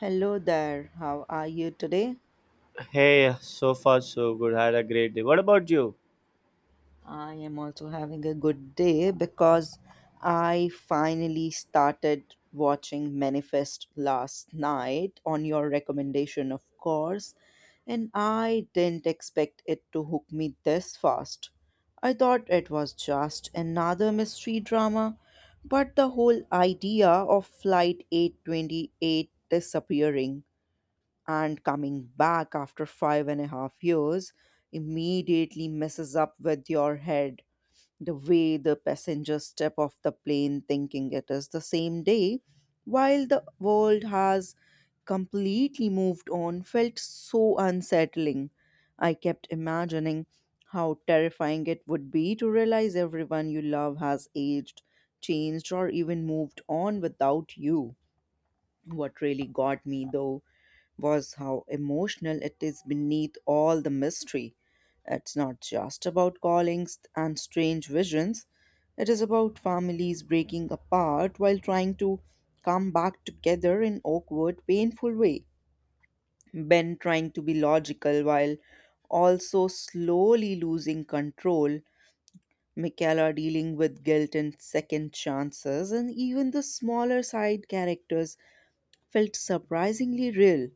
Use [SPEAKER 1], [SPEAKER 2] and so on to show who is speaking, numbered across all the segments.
[SPEAKER 1] Hello there, how are you today?
[SPEAKER 2] Hey, so far so good. Had a great day. What about you?
[SPEAKER 1] I am also having a good day because I finally started watching Manifest last night on your recommendation, of course, and I didn't expect it to hook me this fast. I thought it was just another mystery drama, but the whole idea of Flight 828 disappearing and coming back after 5.5 years immediately messes up with your head. The way the passengers step off the plane thinking it is the same day, while the world has completely moved on, felt so unsettling. I kept imagining how terrifying it would be to realize everyone you love has aged, changed, or even moved on without you. What really got me, though, was how emotional it is beneath all the mystery. It's not just about callings and strange visions, it is about families breaking apart while trying to come back together in awkward, painful way. Ben trying to be logical while also slowly losing control. Michaela dealing with guilt and second chances, and even the smaller side characters felt surprisingly real.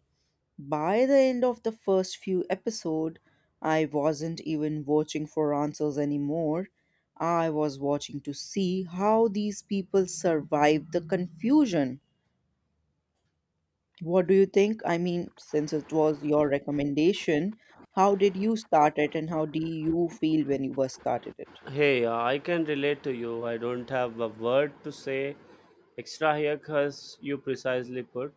[SPEAKER 1] By the end of the first few episodes, I wasn't even watching for answers anymore. I was watching to see how these people survived the confusion. What do you think? I mean, since it was your recommendation, how did you start it and how do you feel when you first started it?
[SPEAKER 2] Hey, I can relate to you. I don't have a word to say extra here because you precisely put.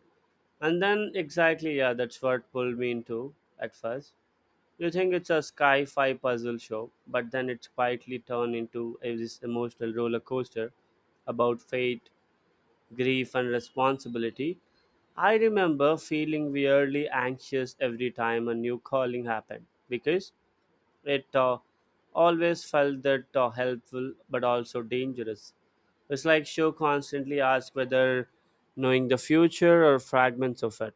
[SPEAKER 2] And then, exactly, yeah, that's what pulled me into at first. You think it's a sci fi puzzle show, but then it's quietly turned into a, this emotional roller coaster about fate, grief, and responsibility. I remember feeling weirdly anxious every time a new calling happened because it always felt that helpful but also dangerous. It's like show constantly asks whether knowing the future or fragments of it.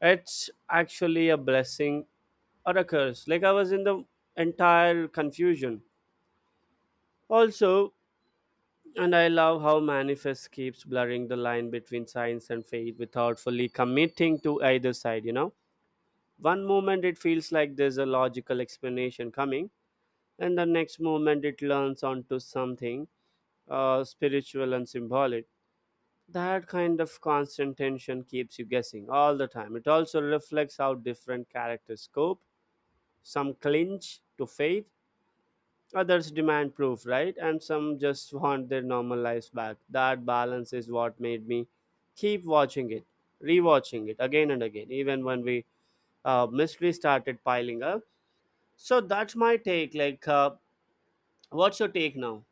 [SPEAKER 2] It's actually a blessing or a curse. Like I was in the entire confusion. Also, and I love how Manifest keeps blurring the line between science and faith without fully committing to either side, you know? One moment it feels like there's a logical explanation coming, and the next moment it learns onto something spiritual and symbolic. That kind of constant tension keeps you guessing all the time. It also reflects how different characters cope. Some clinch to faith, others demand proof, right? And some just want their normal lives back. That balance is what made me keep watching it, rewatching it again and again, even when we mystery started piling up. So that's my take. Like, what's your take now?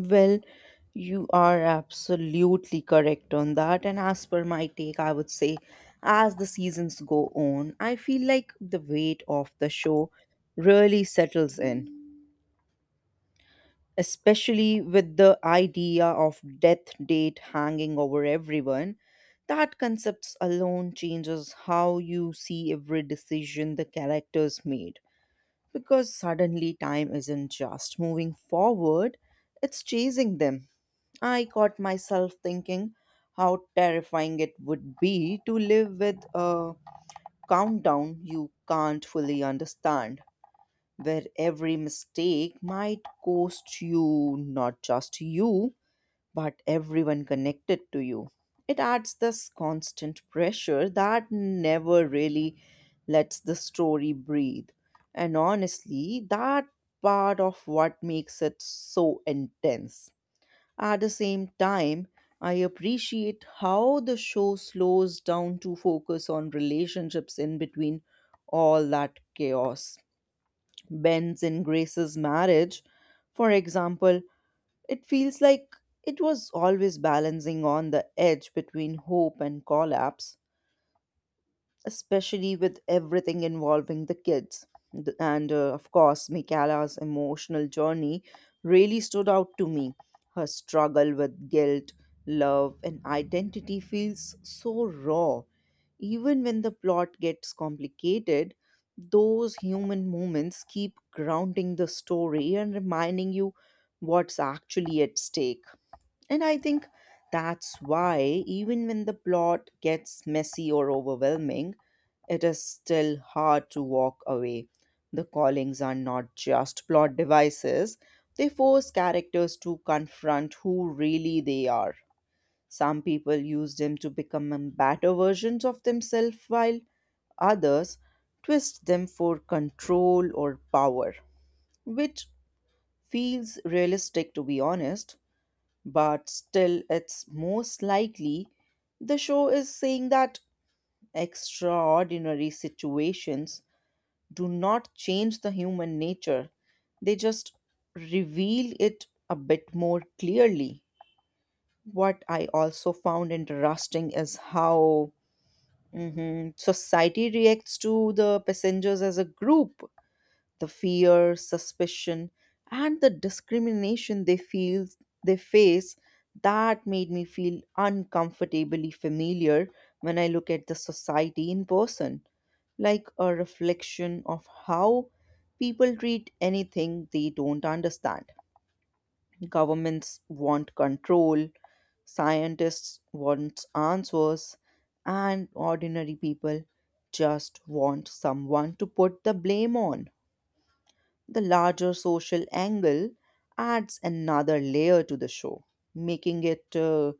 [SPEAKER 1] Well, you are absolutely correct on that. And as per my take, I would say, as the seasons go on, I feel like the weight of the show really settles in, especially with the idea of death date hanging over everyone. That concept alone changes how you see every decision the characters made, because suddenly time isn't just moving forward, it's chasing them. I caught myself thinking how terrifying it would be to live with a countdown you can't fully understand, where every mistake might cost you not just you, but everyone connected to you. It adds this constant pressure that never really lets the story breathe. And honestly, that part of what makes it so intense. At the same time, I appreciate how the show slows down to focus on relationships in between all that chaos. Ben's and Grace's marriage, for example, it feels like it was always balancing on the edge between hope and collapse, especially with everything involving the kids. And of course, Michaela's emotional journey really stood out to me. Her struggle with guilt, love, and identity feels so raw. Even when the plot gets complicated, those human moments keep grounding the story and reminding you what's actually at stake. And I think that's why, even when the plot gets messy or overwhelming, it is still hard to walk away. The callings are not just plot devices, they force characters to confront who really they are. Some people use them to become better versions of themselves, while others twist them for control or power, which feels realistic to be honest, but still, it's most likely the show is saying that extraordinary situations do not change the human nature, they just reveal it a bit more clearly. What I also found interesting is how mhm, society reacts to the passengers as a group: the fear, suspicion, and the discrimination they face, that made me feel uncomfortably familiar when I look at the society in person, like a reflection of how people treat anything they don't understand. Governments want control, scientists want answers, and ordinary people just want someone to put the blame on. The larger social angle adds another layer to the show, making it,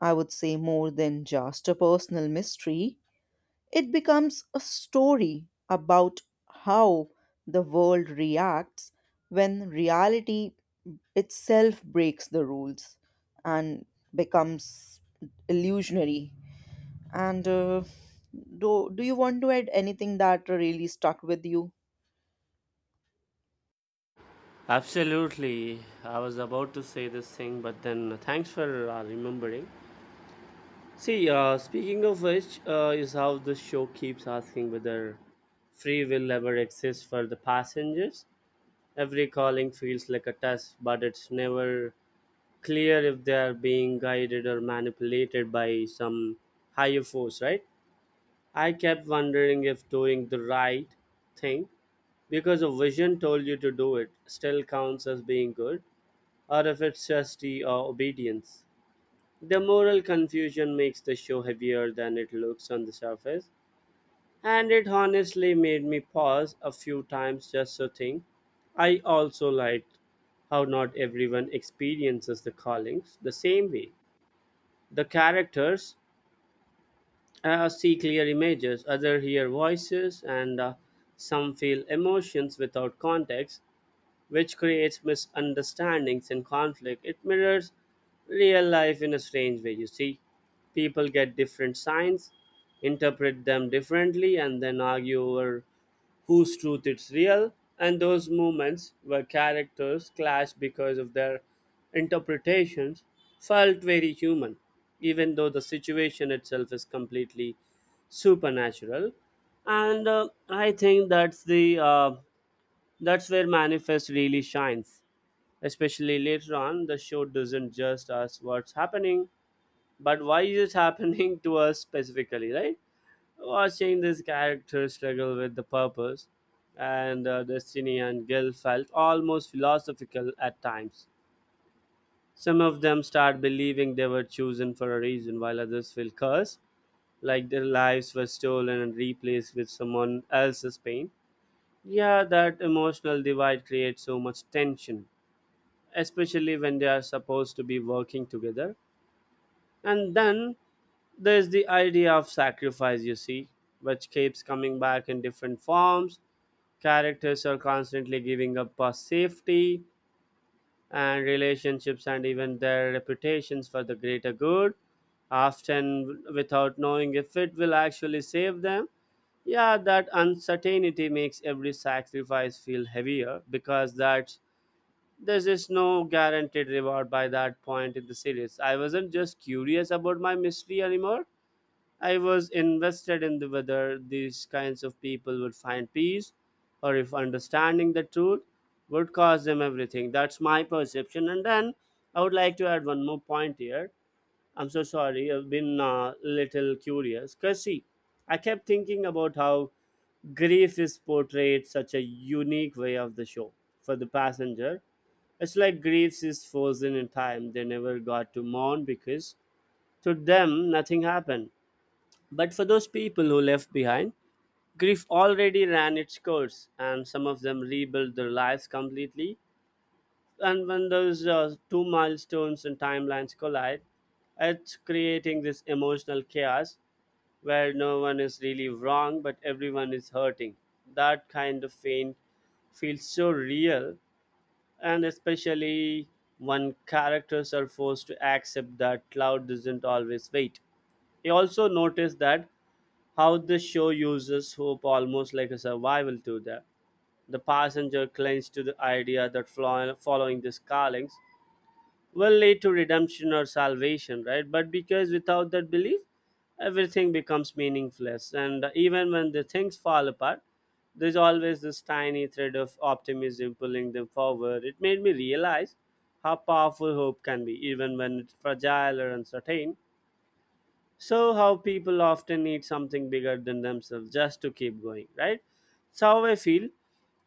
[SPEAKER 1] I would say, more than just a personal mystery. It becomes a story about how the world reacts when reality itself breaks the rules and becomes illusionary. And do you want to add anything that really stuck with you?
[SPEAKER 2] Absolutely. I was about to say this thing, but then thanks for remembering. See, speaking of which, is how the show keeps asking whether free will ever exists for the passengers. Every calling feels like a test, but it's never clear if they are being guided or manipulated by some higher force, right? I kept wondering if doing the right thing because a vision told you to do it still counts as being good or if it's chastity or obedience. The moral confusion makes the show heavier than it looks on the surface, and it honestly made me pause a few times just to think. I also liked how not everyone experiences the callings the same way. The characters see clear images, others hear voices, and some feel emotions without context, which creates misunderstandings and conflict. It mirrors real life in a strange way, you see. People get different signs, interpret them differently, and then argue over whose truth is real. And those moments where characters clash because of their interpretations felt very human, even though the situation itself is completely supernatural. And I think that's where Manifest really shines. Especially later on, the show doesn't just ask what's happening, but why is it happening to us specifically, right? Watching this character struggle with the purpose and destiny and guilt felt almost philosophical at times. Some of them start believing they were chosen for a reason, while others feel cursed, like their lives were stolen and replaced with someone else's pain. Yeah, that emotional divide creates so much tension especially when they are supposed to be working together. And then there's the idea of sacrifice, you see, which keeps coming back in different forms. Characters are constantly giving up our safety and relationships and even their reputations for the greater good, often without knowing if it will actually save them. Yeah, that uncertainty makes every sacrifice feel heavier because that's there is no guaranteed reward by that point in the series. I wasn't just curious about my mystery anymore. I was invested in the whether these kinds of people would find peace or if understanding the truth would cost them everything. That's my perception. And then I would like to add one more point here. I'm so sorry, I've been a little curious. Because, see, I kept thinking about how grief is portrayed such a unique way of the show for the passenger it's like Greece is frozen in time. They never got to mourn because to them nothing happened. But for those people who left behind, grief already ran its course, and some of them rebuilt their lives completely. And when those two milestones and timelines collide, it's creating this emotional chaos where no one is really wrong, but everyone is hurting. That kind of pain feels so real and especially when characters are forced to accept that cloud doesn't always wait. I also noticed that how the show uses hope almost like a survival tool there. The passenger clings to the idea that following the carlings will lead to redemption or salvation, right? But because without that belief, everything becomes meaningless. And even when the things fall apart, there's always this tiny thread of optimism pulling them forward. It made me realize how powerful hope can be, even when it's fragile or uncertain. So, how people often need something bigger than themselves just to keep going, right? That's how I feel.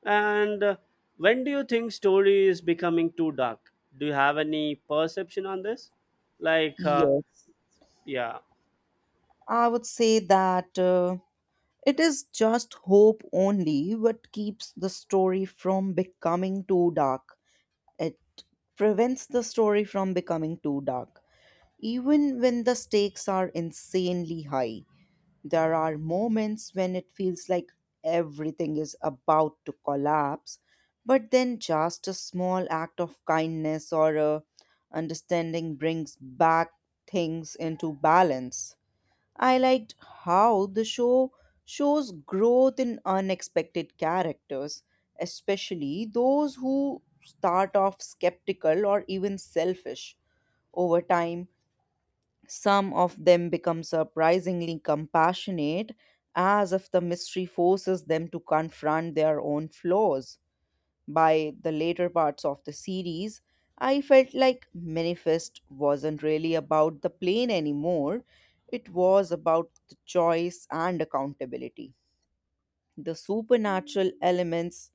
[SPEAKER 2] And when do you think story is becoming too dark? Do you have any perception on this? Like,
[SPEAKER 1] Yes.
[SPEAKER 2] yeah,
[SPEAKER 1] I would say that it is just hope only what keeps the story from becoming too dark. It prevents the story from becoming too dark. Even when the stakes are insanely high, there are moments when it feels like everything is about to collapse, but then just a small act of kindness or a understanding brings back things into balance. I liked how the show shows growth in unexpected characters, especially those who start off skeptical or even selfish. Over time, some of them become surprisingly compassionate, as if the mystery forces them to confront their own flaws. By the later parts of the series, I felt like Manifest wasn't really about the plane anymore. It was about the choice and accountability. The supernatural elements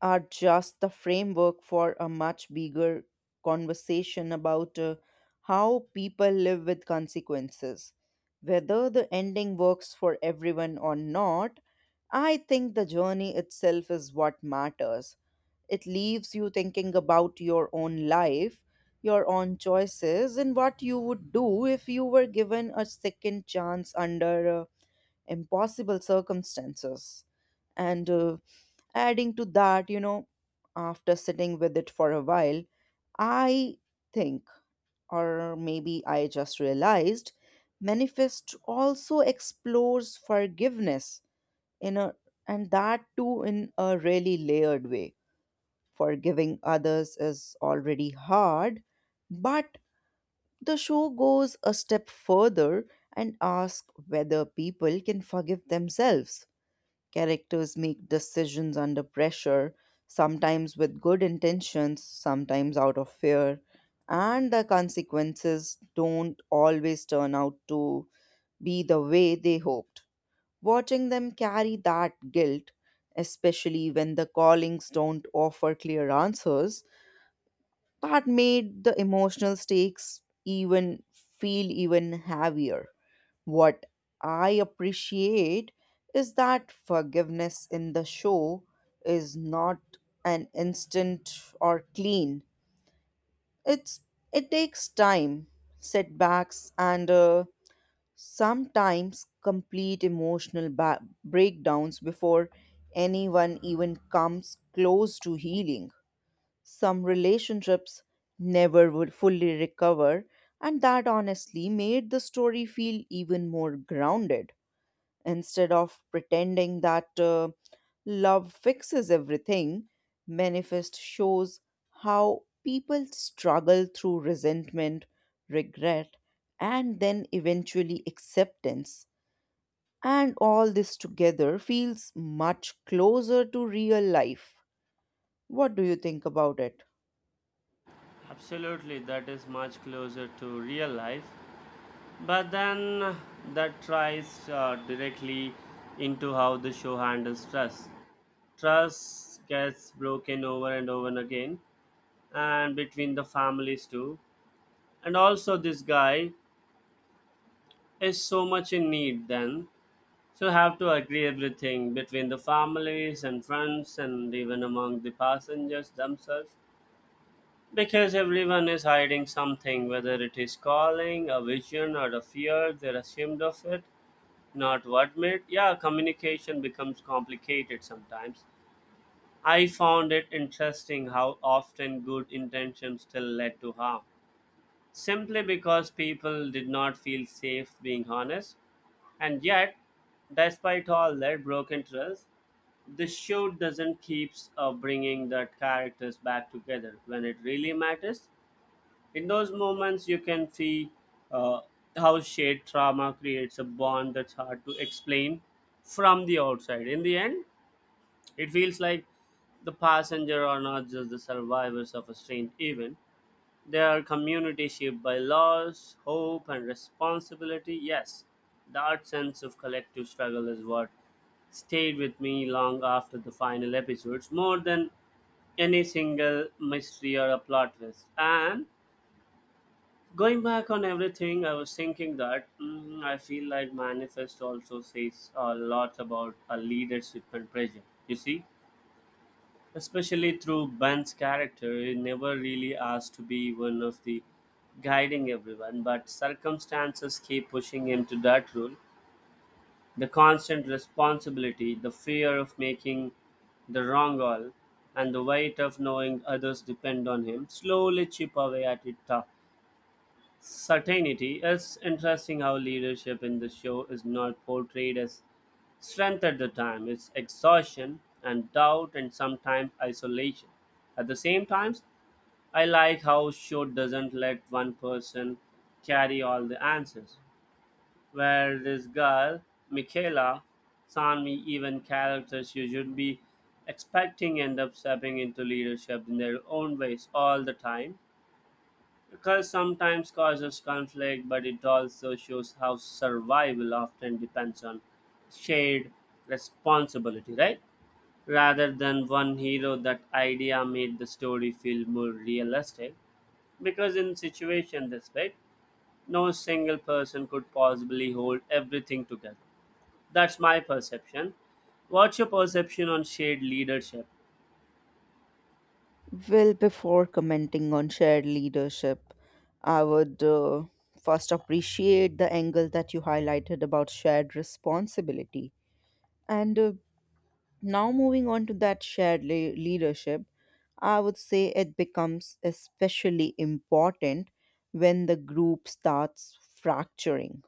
[SPEAKER 1] are just the framework for a much bigger conversation about how people live with consequences. Whether the ending works for everyone or not, I think the journey itself is what matters. It leaves you thinking about your own life, your own choices, and what you would do if you were given a second chance under impossible circumstances. And adding to that, after sitting with it for a while, I think, or maybe I just realized, Manifest also explores forgiveness in a and that too in a really layered way. Forgiving others is already hard, but the show goes a step further and asks whether people can forgive themselves. Characters make decisions under pressure, sometimes with good intentions, sometimes out of fear, and the consequences don't always turn out to be the way they hoped. Watching them carry that guilt, especially when the callings don't offer clear answers, that made the emotional stakes even feel even heavier. What I appreciate is that forgiveness in the show is not an instant or clean. It's it takes time, setbacks, and sometimes complete emotional breakdowns before anyone even comes close to healing. Some relationships never would fully recover, and that honestly made the story feel even more grounded. Instead of pretending that love fixes everything, Manifest shows how people struggle through resentment, regret, and then eventually acceptance. And all this together feels much closer to real life. What do you think about it?
[SPEAKER 2] absolutely. That is much closer to real life. But then that tries directly into how the show handles trust. Trust gets broken over and over again, and between the families too, and also this guy is so much in need then so have to agree everything between the families and friends and even among the passengers themselves because everyone is hiding something whether it is calling a vision or a fear they're ashamed of it not what made yeah communication becomes complicated sometimes. I found it interesting how often good intentions still led to harm simply because people did not feel safe being honest. And yet, despite all that broken trust, the show doesn't keeps bringing the characters back together when it really matters. In those moments, you can see uh, how shared trauma creates a bond that's hard to explain from the outside. In the end, it feels like the passenger are not just the survivors of a strange event, they are communities shaped by laws, hope, and responsibility. Yes, that sense of collective struggle is what stayed with me long after the final episodes, more than any single mystery or a plot twist. And going back on everything, I was thinking that mm, I feel like Manifest also says a lot about a leadership and pressure. You see? Especially through Ben's character, he never really asked to be one of the guiding everyone, but circumstances keep pushing him to that role. The constant responsibility, the fear of making the wrong all, and the weight of knowing others depend on him slowly chip away at it. Tough certainty. It's interesting how leadership in the show is not portrayed as strength at the time, it's exhaustion and doubt and sometimes isolation. At the same times, I like how show doesn't let one person carry all the answers. Where this girl, Michaela, Sanmi, even characters you should be expecting end up stepping into leadership in their own ways all the time because sometimes causes conflict, but it also shows how survival often depends on shared responsibility, right? Rather than one hero, that idea made the story feel more realistic. Because in situation this big, no single person could possibly hold everything together. That's my perception. What's your perception on shared leadership?
[SPEAKER 1] Well, before commenting on shared leadership, I would first appreciate the angle that you highlighted about shared responsibility. And now, moving on to that shared leadership, I would say it becomes especially important when the group starts fracturing.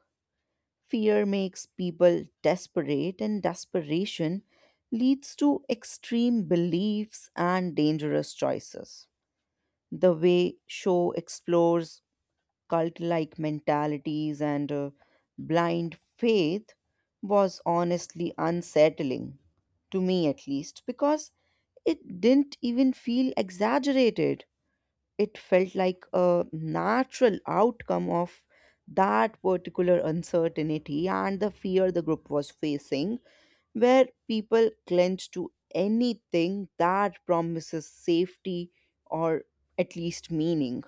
[SPEAKER 1] Fear makes people desperate, and desperation leads to extreme beliefs and dangerous choices. The way show explores cult-like mentalities and blind faith was honestly unsettling to me at least because it didn't even feel exaggerated. It felt like a natural outcome of that particular uncertainty and the fear the group was facing, where people clench to anything that promises safety or at least meaning.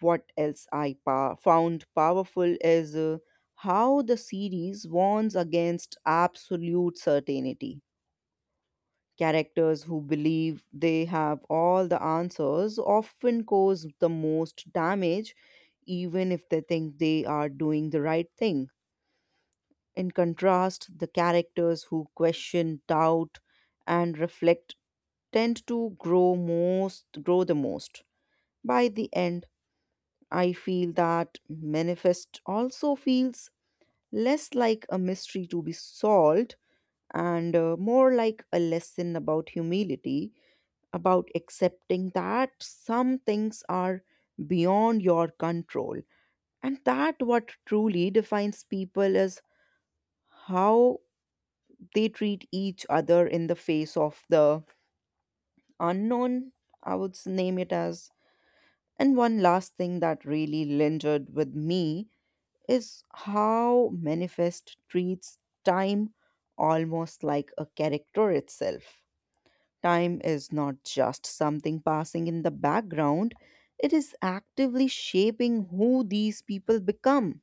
[SPEAKER 1] What else I found powerful is how the series warns against absolute certainty. Characters who believe they have all the answers often cause the most damage, even if they think they are doing the right thing. In contrast, the characters who question, doubt, and reflect tend to grow the most by the end. I feel that Manifest also feels less like a mystery to be solved and more like a lesson about humility, about accepting that some things are beyond your control. And that what truly defines people is how they treat each other in the face of the unknown, I would name it as. And one last thing that really lingered with me is how Manifest treats time almost like a character itself. Time is not just something passing in the background, it is actively shaping who these people become.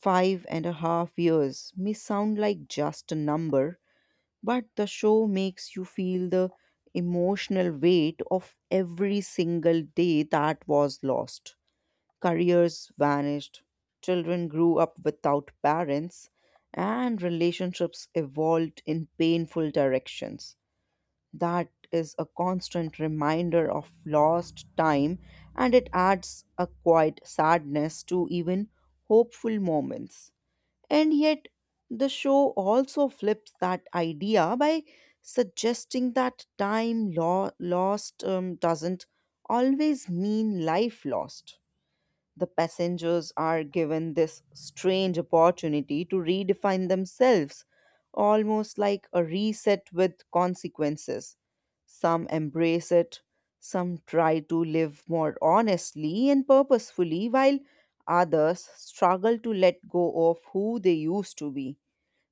[SPEAKER 1] 5.5 years may sound like just a number, but the show makes you feel the emotional weight of every single day that was lost. Careers vanished, children grew up without parents, and relationships evolved in painful directions. That is a constant reminder of lost time, and it adds a quiet sadness to even hopeful moments. And yet, the show also flips that idea by suggesting that time lost doesn't always mean life lost. The passengers are given this strange opportunity to redefine themselves, almost like a reset with consequences. Some embrace it, some try to live more honestly and purposefully, while others struggle to let go of who they used to be.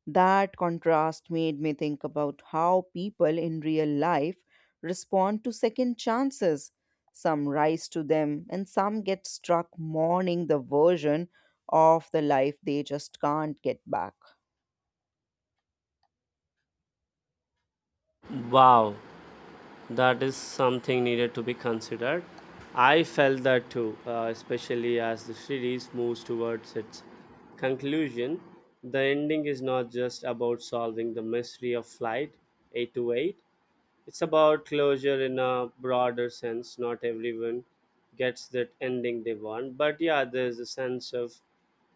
[SPEAKER 1] That contrast made me think about how people in real life respond to second chances. Some rise to them, and some get struck mourning the version of the life they just can't get back.
[SPEAKER 2] Wow, that is something needed to be considered. I felt that too, especially as the series moves towards its conclusion, the ending is not just about solving the mystery of flight 828. It's about closure in a broader sense, not everyone gets that ending they want, but yeah, there's a sense of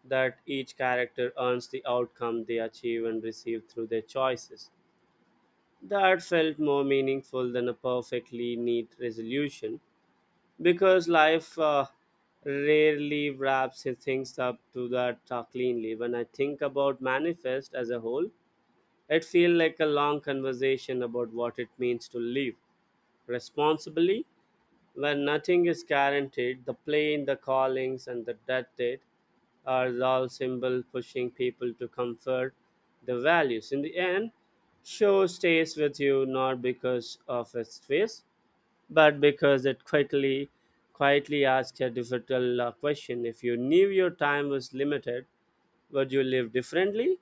[SPEAKER 2] that each character earns the outcome they achieve and receive through their choices. That felt more meaningful than a perfectly neat resolution because life rarely wraps its things up to that cleanly. When I think about Manifest as a whole, it feels like a long conversation about what it means to live responsibly when nothing is guaranteed. The plane, the callings, and the death date are all symbol pushing people to comfort the values. In the end, show stays with you not because of its face, but because it quickly, quietly asks a difficult question. If you knew your time was limited, would you live differently?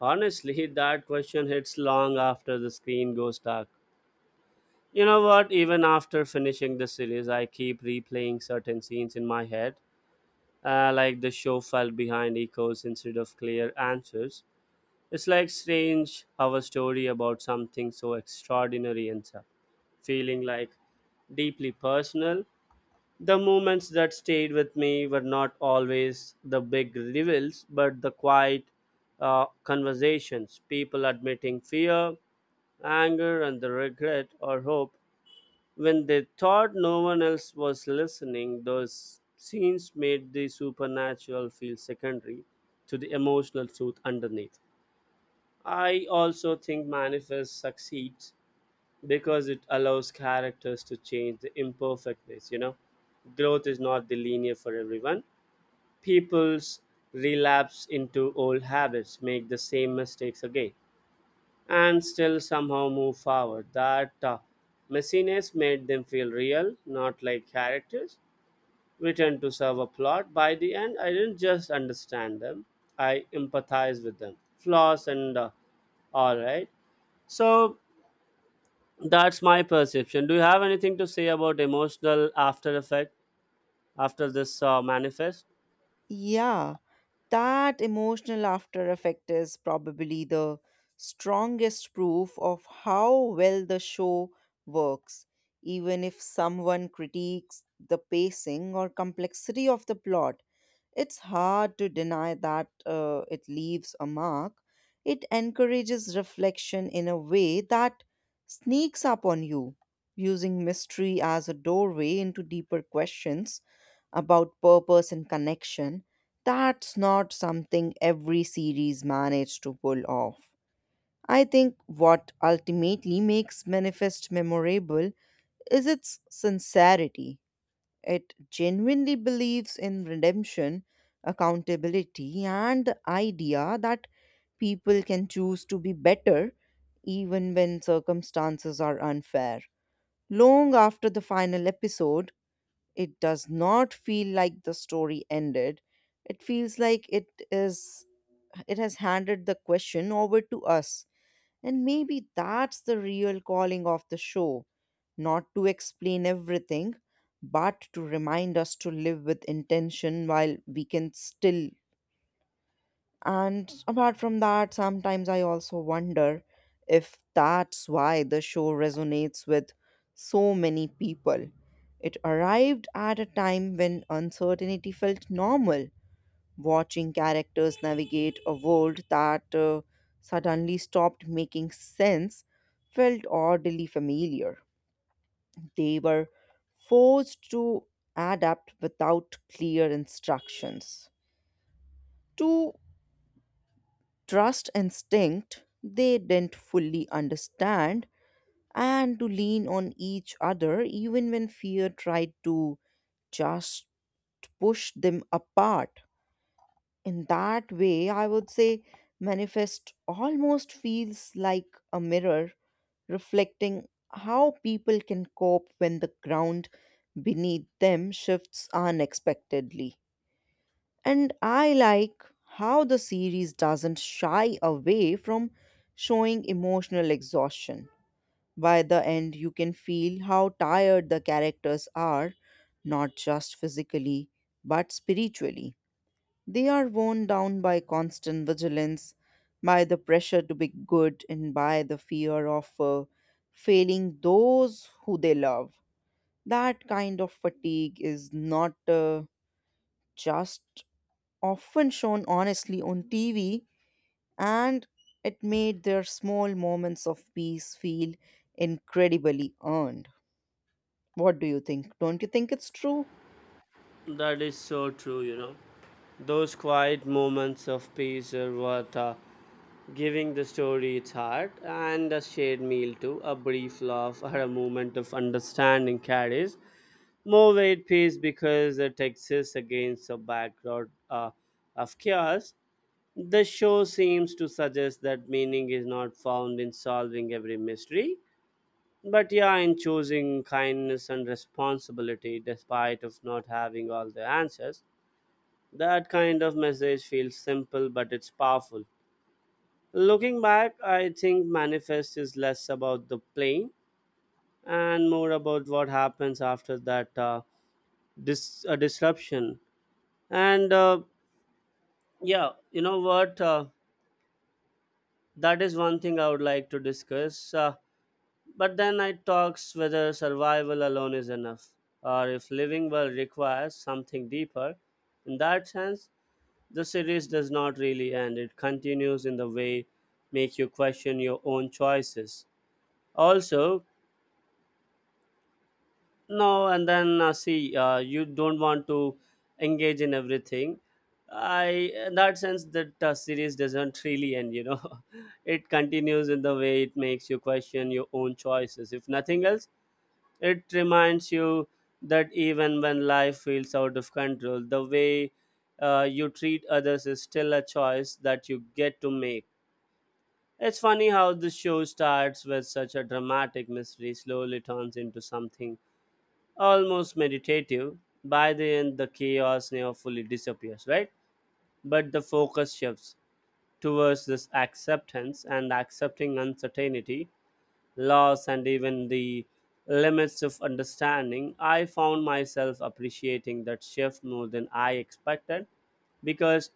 [SPEAKER 2] Honestly, that question hits long after the screen goes dark. You know what? Even after finishing the series, I keep replaying certain scenes in my head like the show fell behind echoes instead of clear answers. It's like strange how a story about something so extraordinary ends up feeling like deeply personal. The moments that stayed with me were not always the big reveals, but the quiet conversations, people admitting fear, anger, and the regret or hope when they thought no one else was listening. Those scenes made the supernatural feel secondary to the emotional truth underneath. I also think Manifest succeeds because it allows characters to change the imperfectness, you know. Growth is not the linear for everyone. People's relapse into old habits, make the same mistakes again and still somehow move forward. That messiness made them feel real, not like characters written to serve a plot. By the end, I didn't just understand them, I empathized with them. Flaws and all right. So that's my perception. Do you have anything to say about emotional after effect after this Manifest?
[SPEAKER 1] Yeah, that emotional after effect is probably the strongest proof of how well the show works. Even if someone critiques the pacing or complexity of the plot, it's hard to deny that it leaves a mark. It encourages reflection in a way that sneaks up on you, using mystery as a doorway into deeper questions about purpose and connection. That's not something every series managed to pull off. I think what ultimately makes Manifest memorable is its sincerity. It genuinely believes in redemption, accountability, and the idea that people can choose to be better even when circumstances are unfair. Long after the final episode, it does not feel like the story ended. It feels like it has handed the question over to us, and maybe that's the real calling of the show, not to explain everything, but to remind us to live with intention while we can still. And apart from that, sometimes I also wonder if that's why the show resonates with so many people. It arrived at a time when uncertainty felt normal, watching characters navigate a world that suddenly stopped making sense, felt oddly familiar. They were forced to adapt without clear instructions. To trust instinct they didn't fully understand, and to lean on each other even when fear tried to just push them apart. In that way, I would say Manifest almost feels like a mirror reflecting how people can cope when the ground beneath them shifts unexpectedly. And I like how the series doesn't shy away from showing emotional exhaustion. By the end, you can feel how tired the characters are, not just physically, but spiritually. They are worn down by constant vigilance, by the pressure to be good, and by the fear of failing those who they love. That kind of fatigue is not just often shown honestly on TV, and it made their small moments of peace feel incredibly earned. What do you think? Don't you think it's true?
[SPEAKER 2] That is so true, you know. Those quiet moments of peace are what giving the story its heart, and a shared meal too. A brief laugh or a moment of understanding carries more weight piece because the text is against a background of chaos. The show seems to suggest that meaning is not found in solving every mystery, but yeah, in choosing kindness and responsibility despite of not having all the answers. That kind of message feels simple, but it's powerful. Looking back, I think Manifest is less about the playing and more about what happens after that disruption. And yeah, you know what? That is one thing I would like to discuss. But then I talks whether survival alone is enough, or if living well requires something deeper. In that sense, the series does not really end. It continues in the way make you question your own choices. Also, no, and then see, you don't want to engage in everything. I, in that sense, that series doesn't really end. You know, it continues in the way it makes you question your own choices. If nothing else, it reminds you that even when life feels out of control, the way you treat others is still a choice that you get to make. It's funny how the show starts with such a dramatic mystery, slowly turns into something almost meditative. By the end, the chaos never fully disappears, right? But the focus shifts towards this acceptance and accepting uncertainty laws, and even the limits of understanding. I found myself appreciating that shift more than I expected because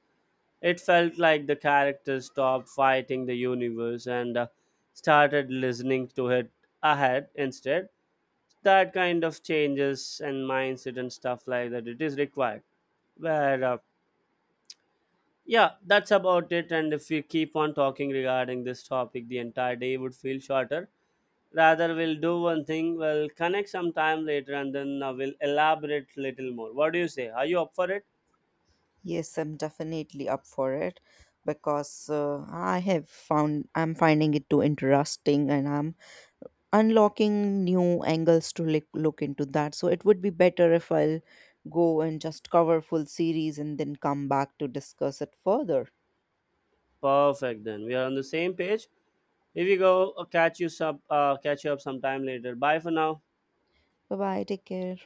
[SPEAKER 2] it felt like the characters stopped fighting the universe and started listening to it ahead instead. That kind of changes and mindset and stuff like that, it is required. Where, yeah, that's about it. And if we keep on talking regarding this topic, the entire day would feel shorter. Rather, we'll do one thing, we'll connect sometime later and then we'll elaborate little more. What do you say, are you up for it?
[SPEAKER 1] Yes, I'm definitely up for it because I have found I'm finding it too interesting and I'm unlocking new angles to look into that. So it would be better if I'll go and just cover full series and then come back to discuss it further.
[SPEAKER 2] Perfect, then we are on the same page. If you go catch you up sometime later. Bye for now.
[SPEAKER 1] Bye bye, take care.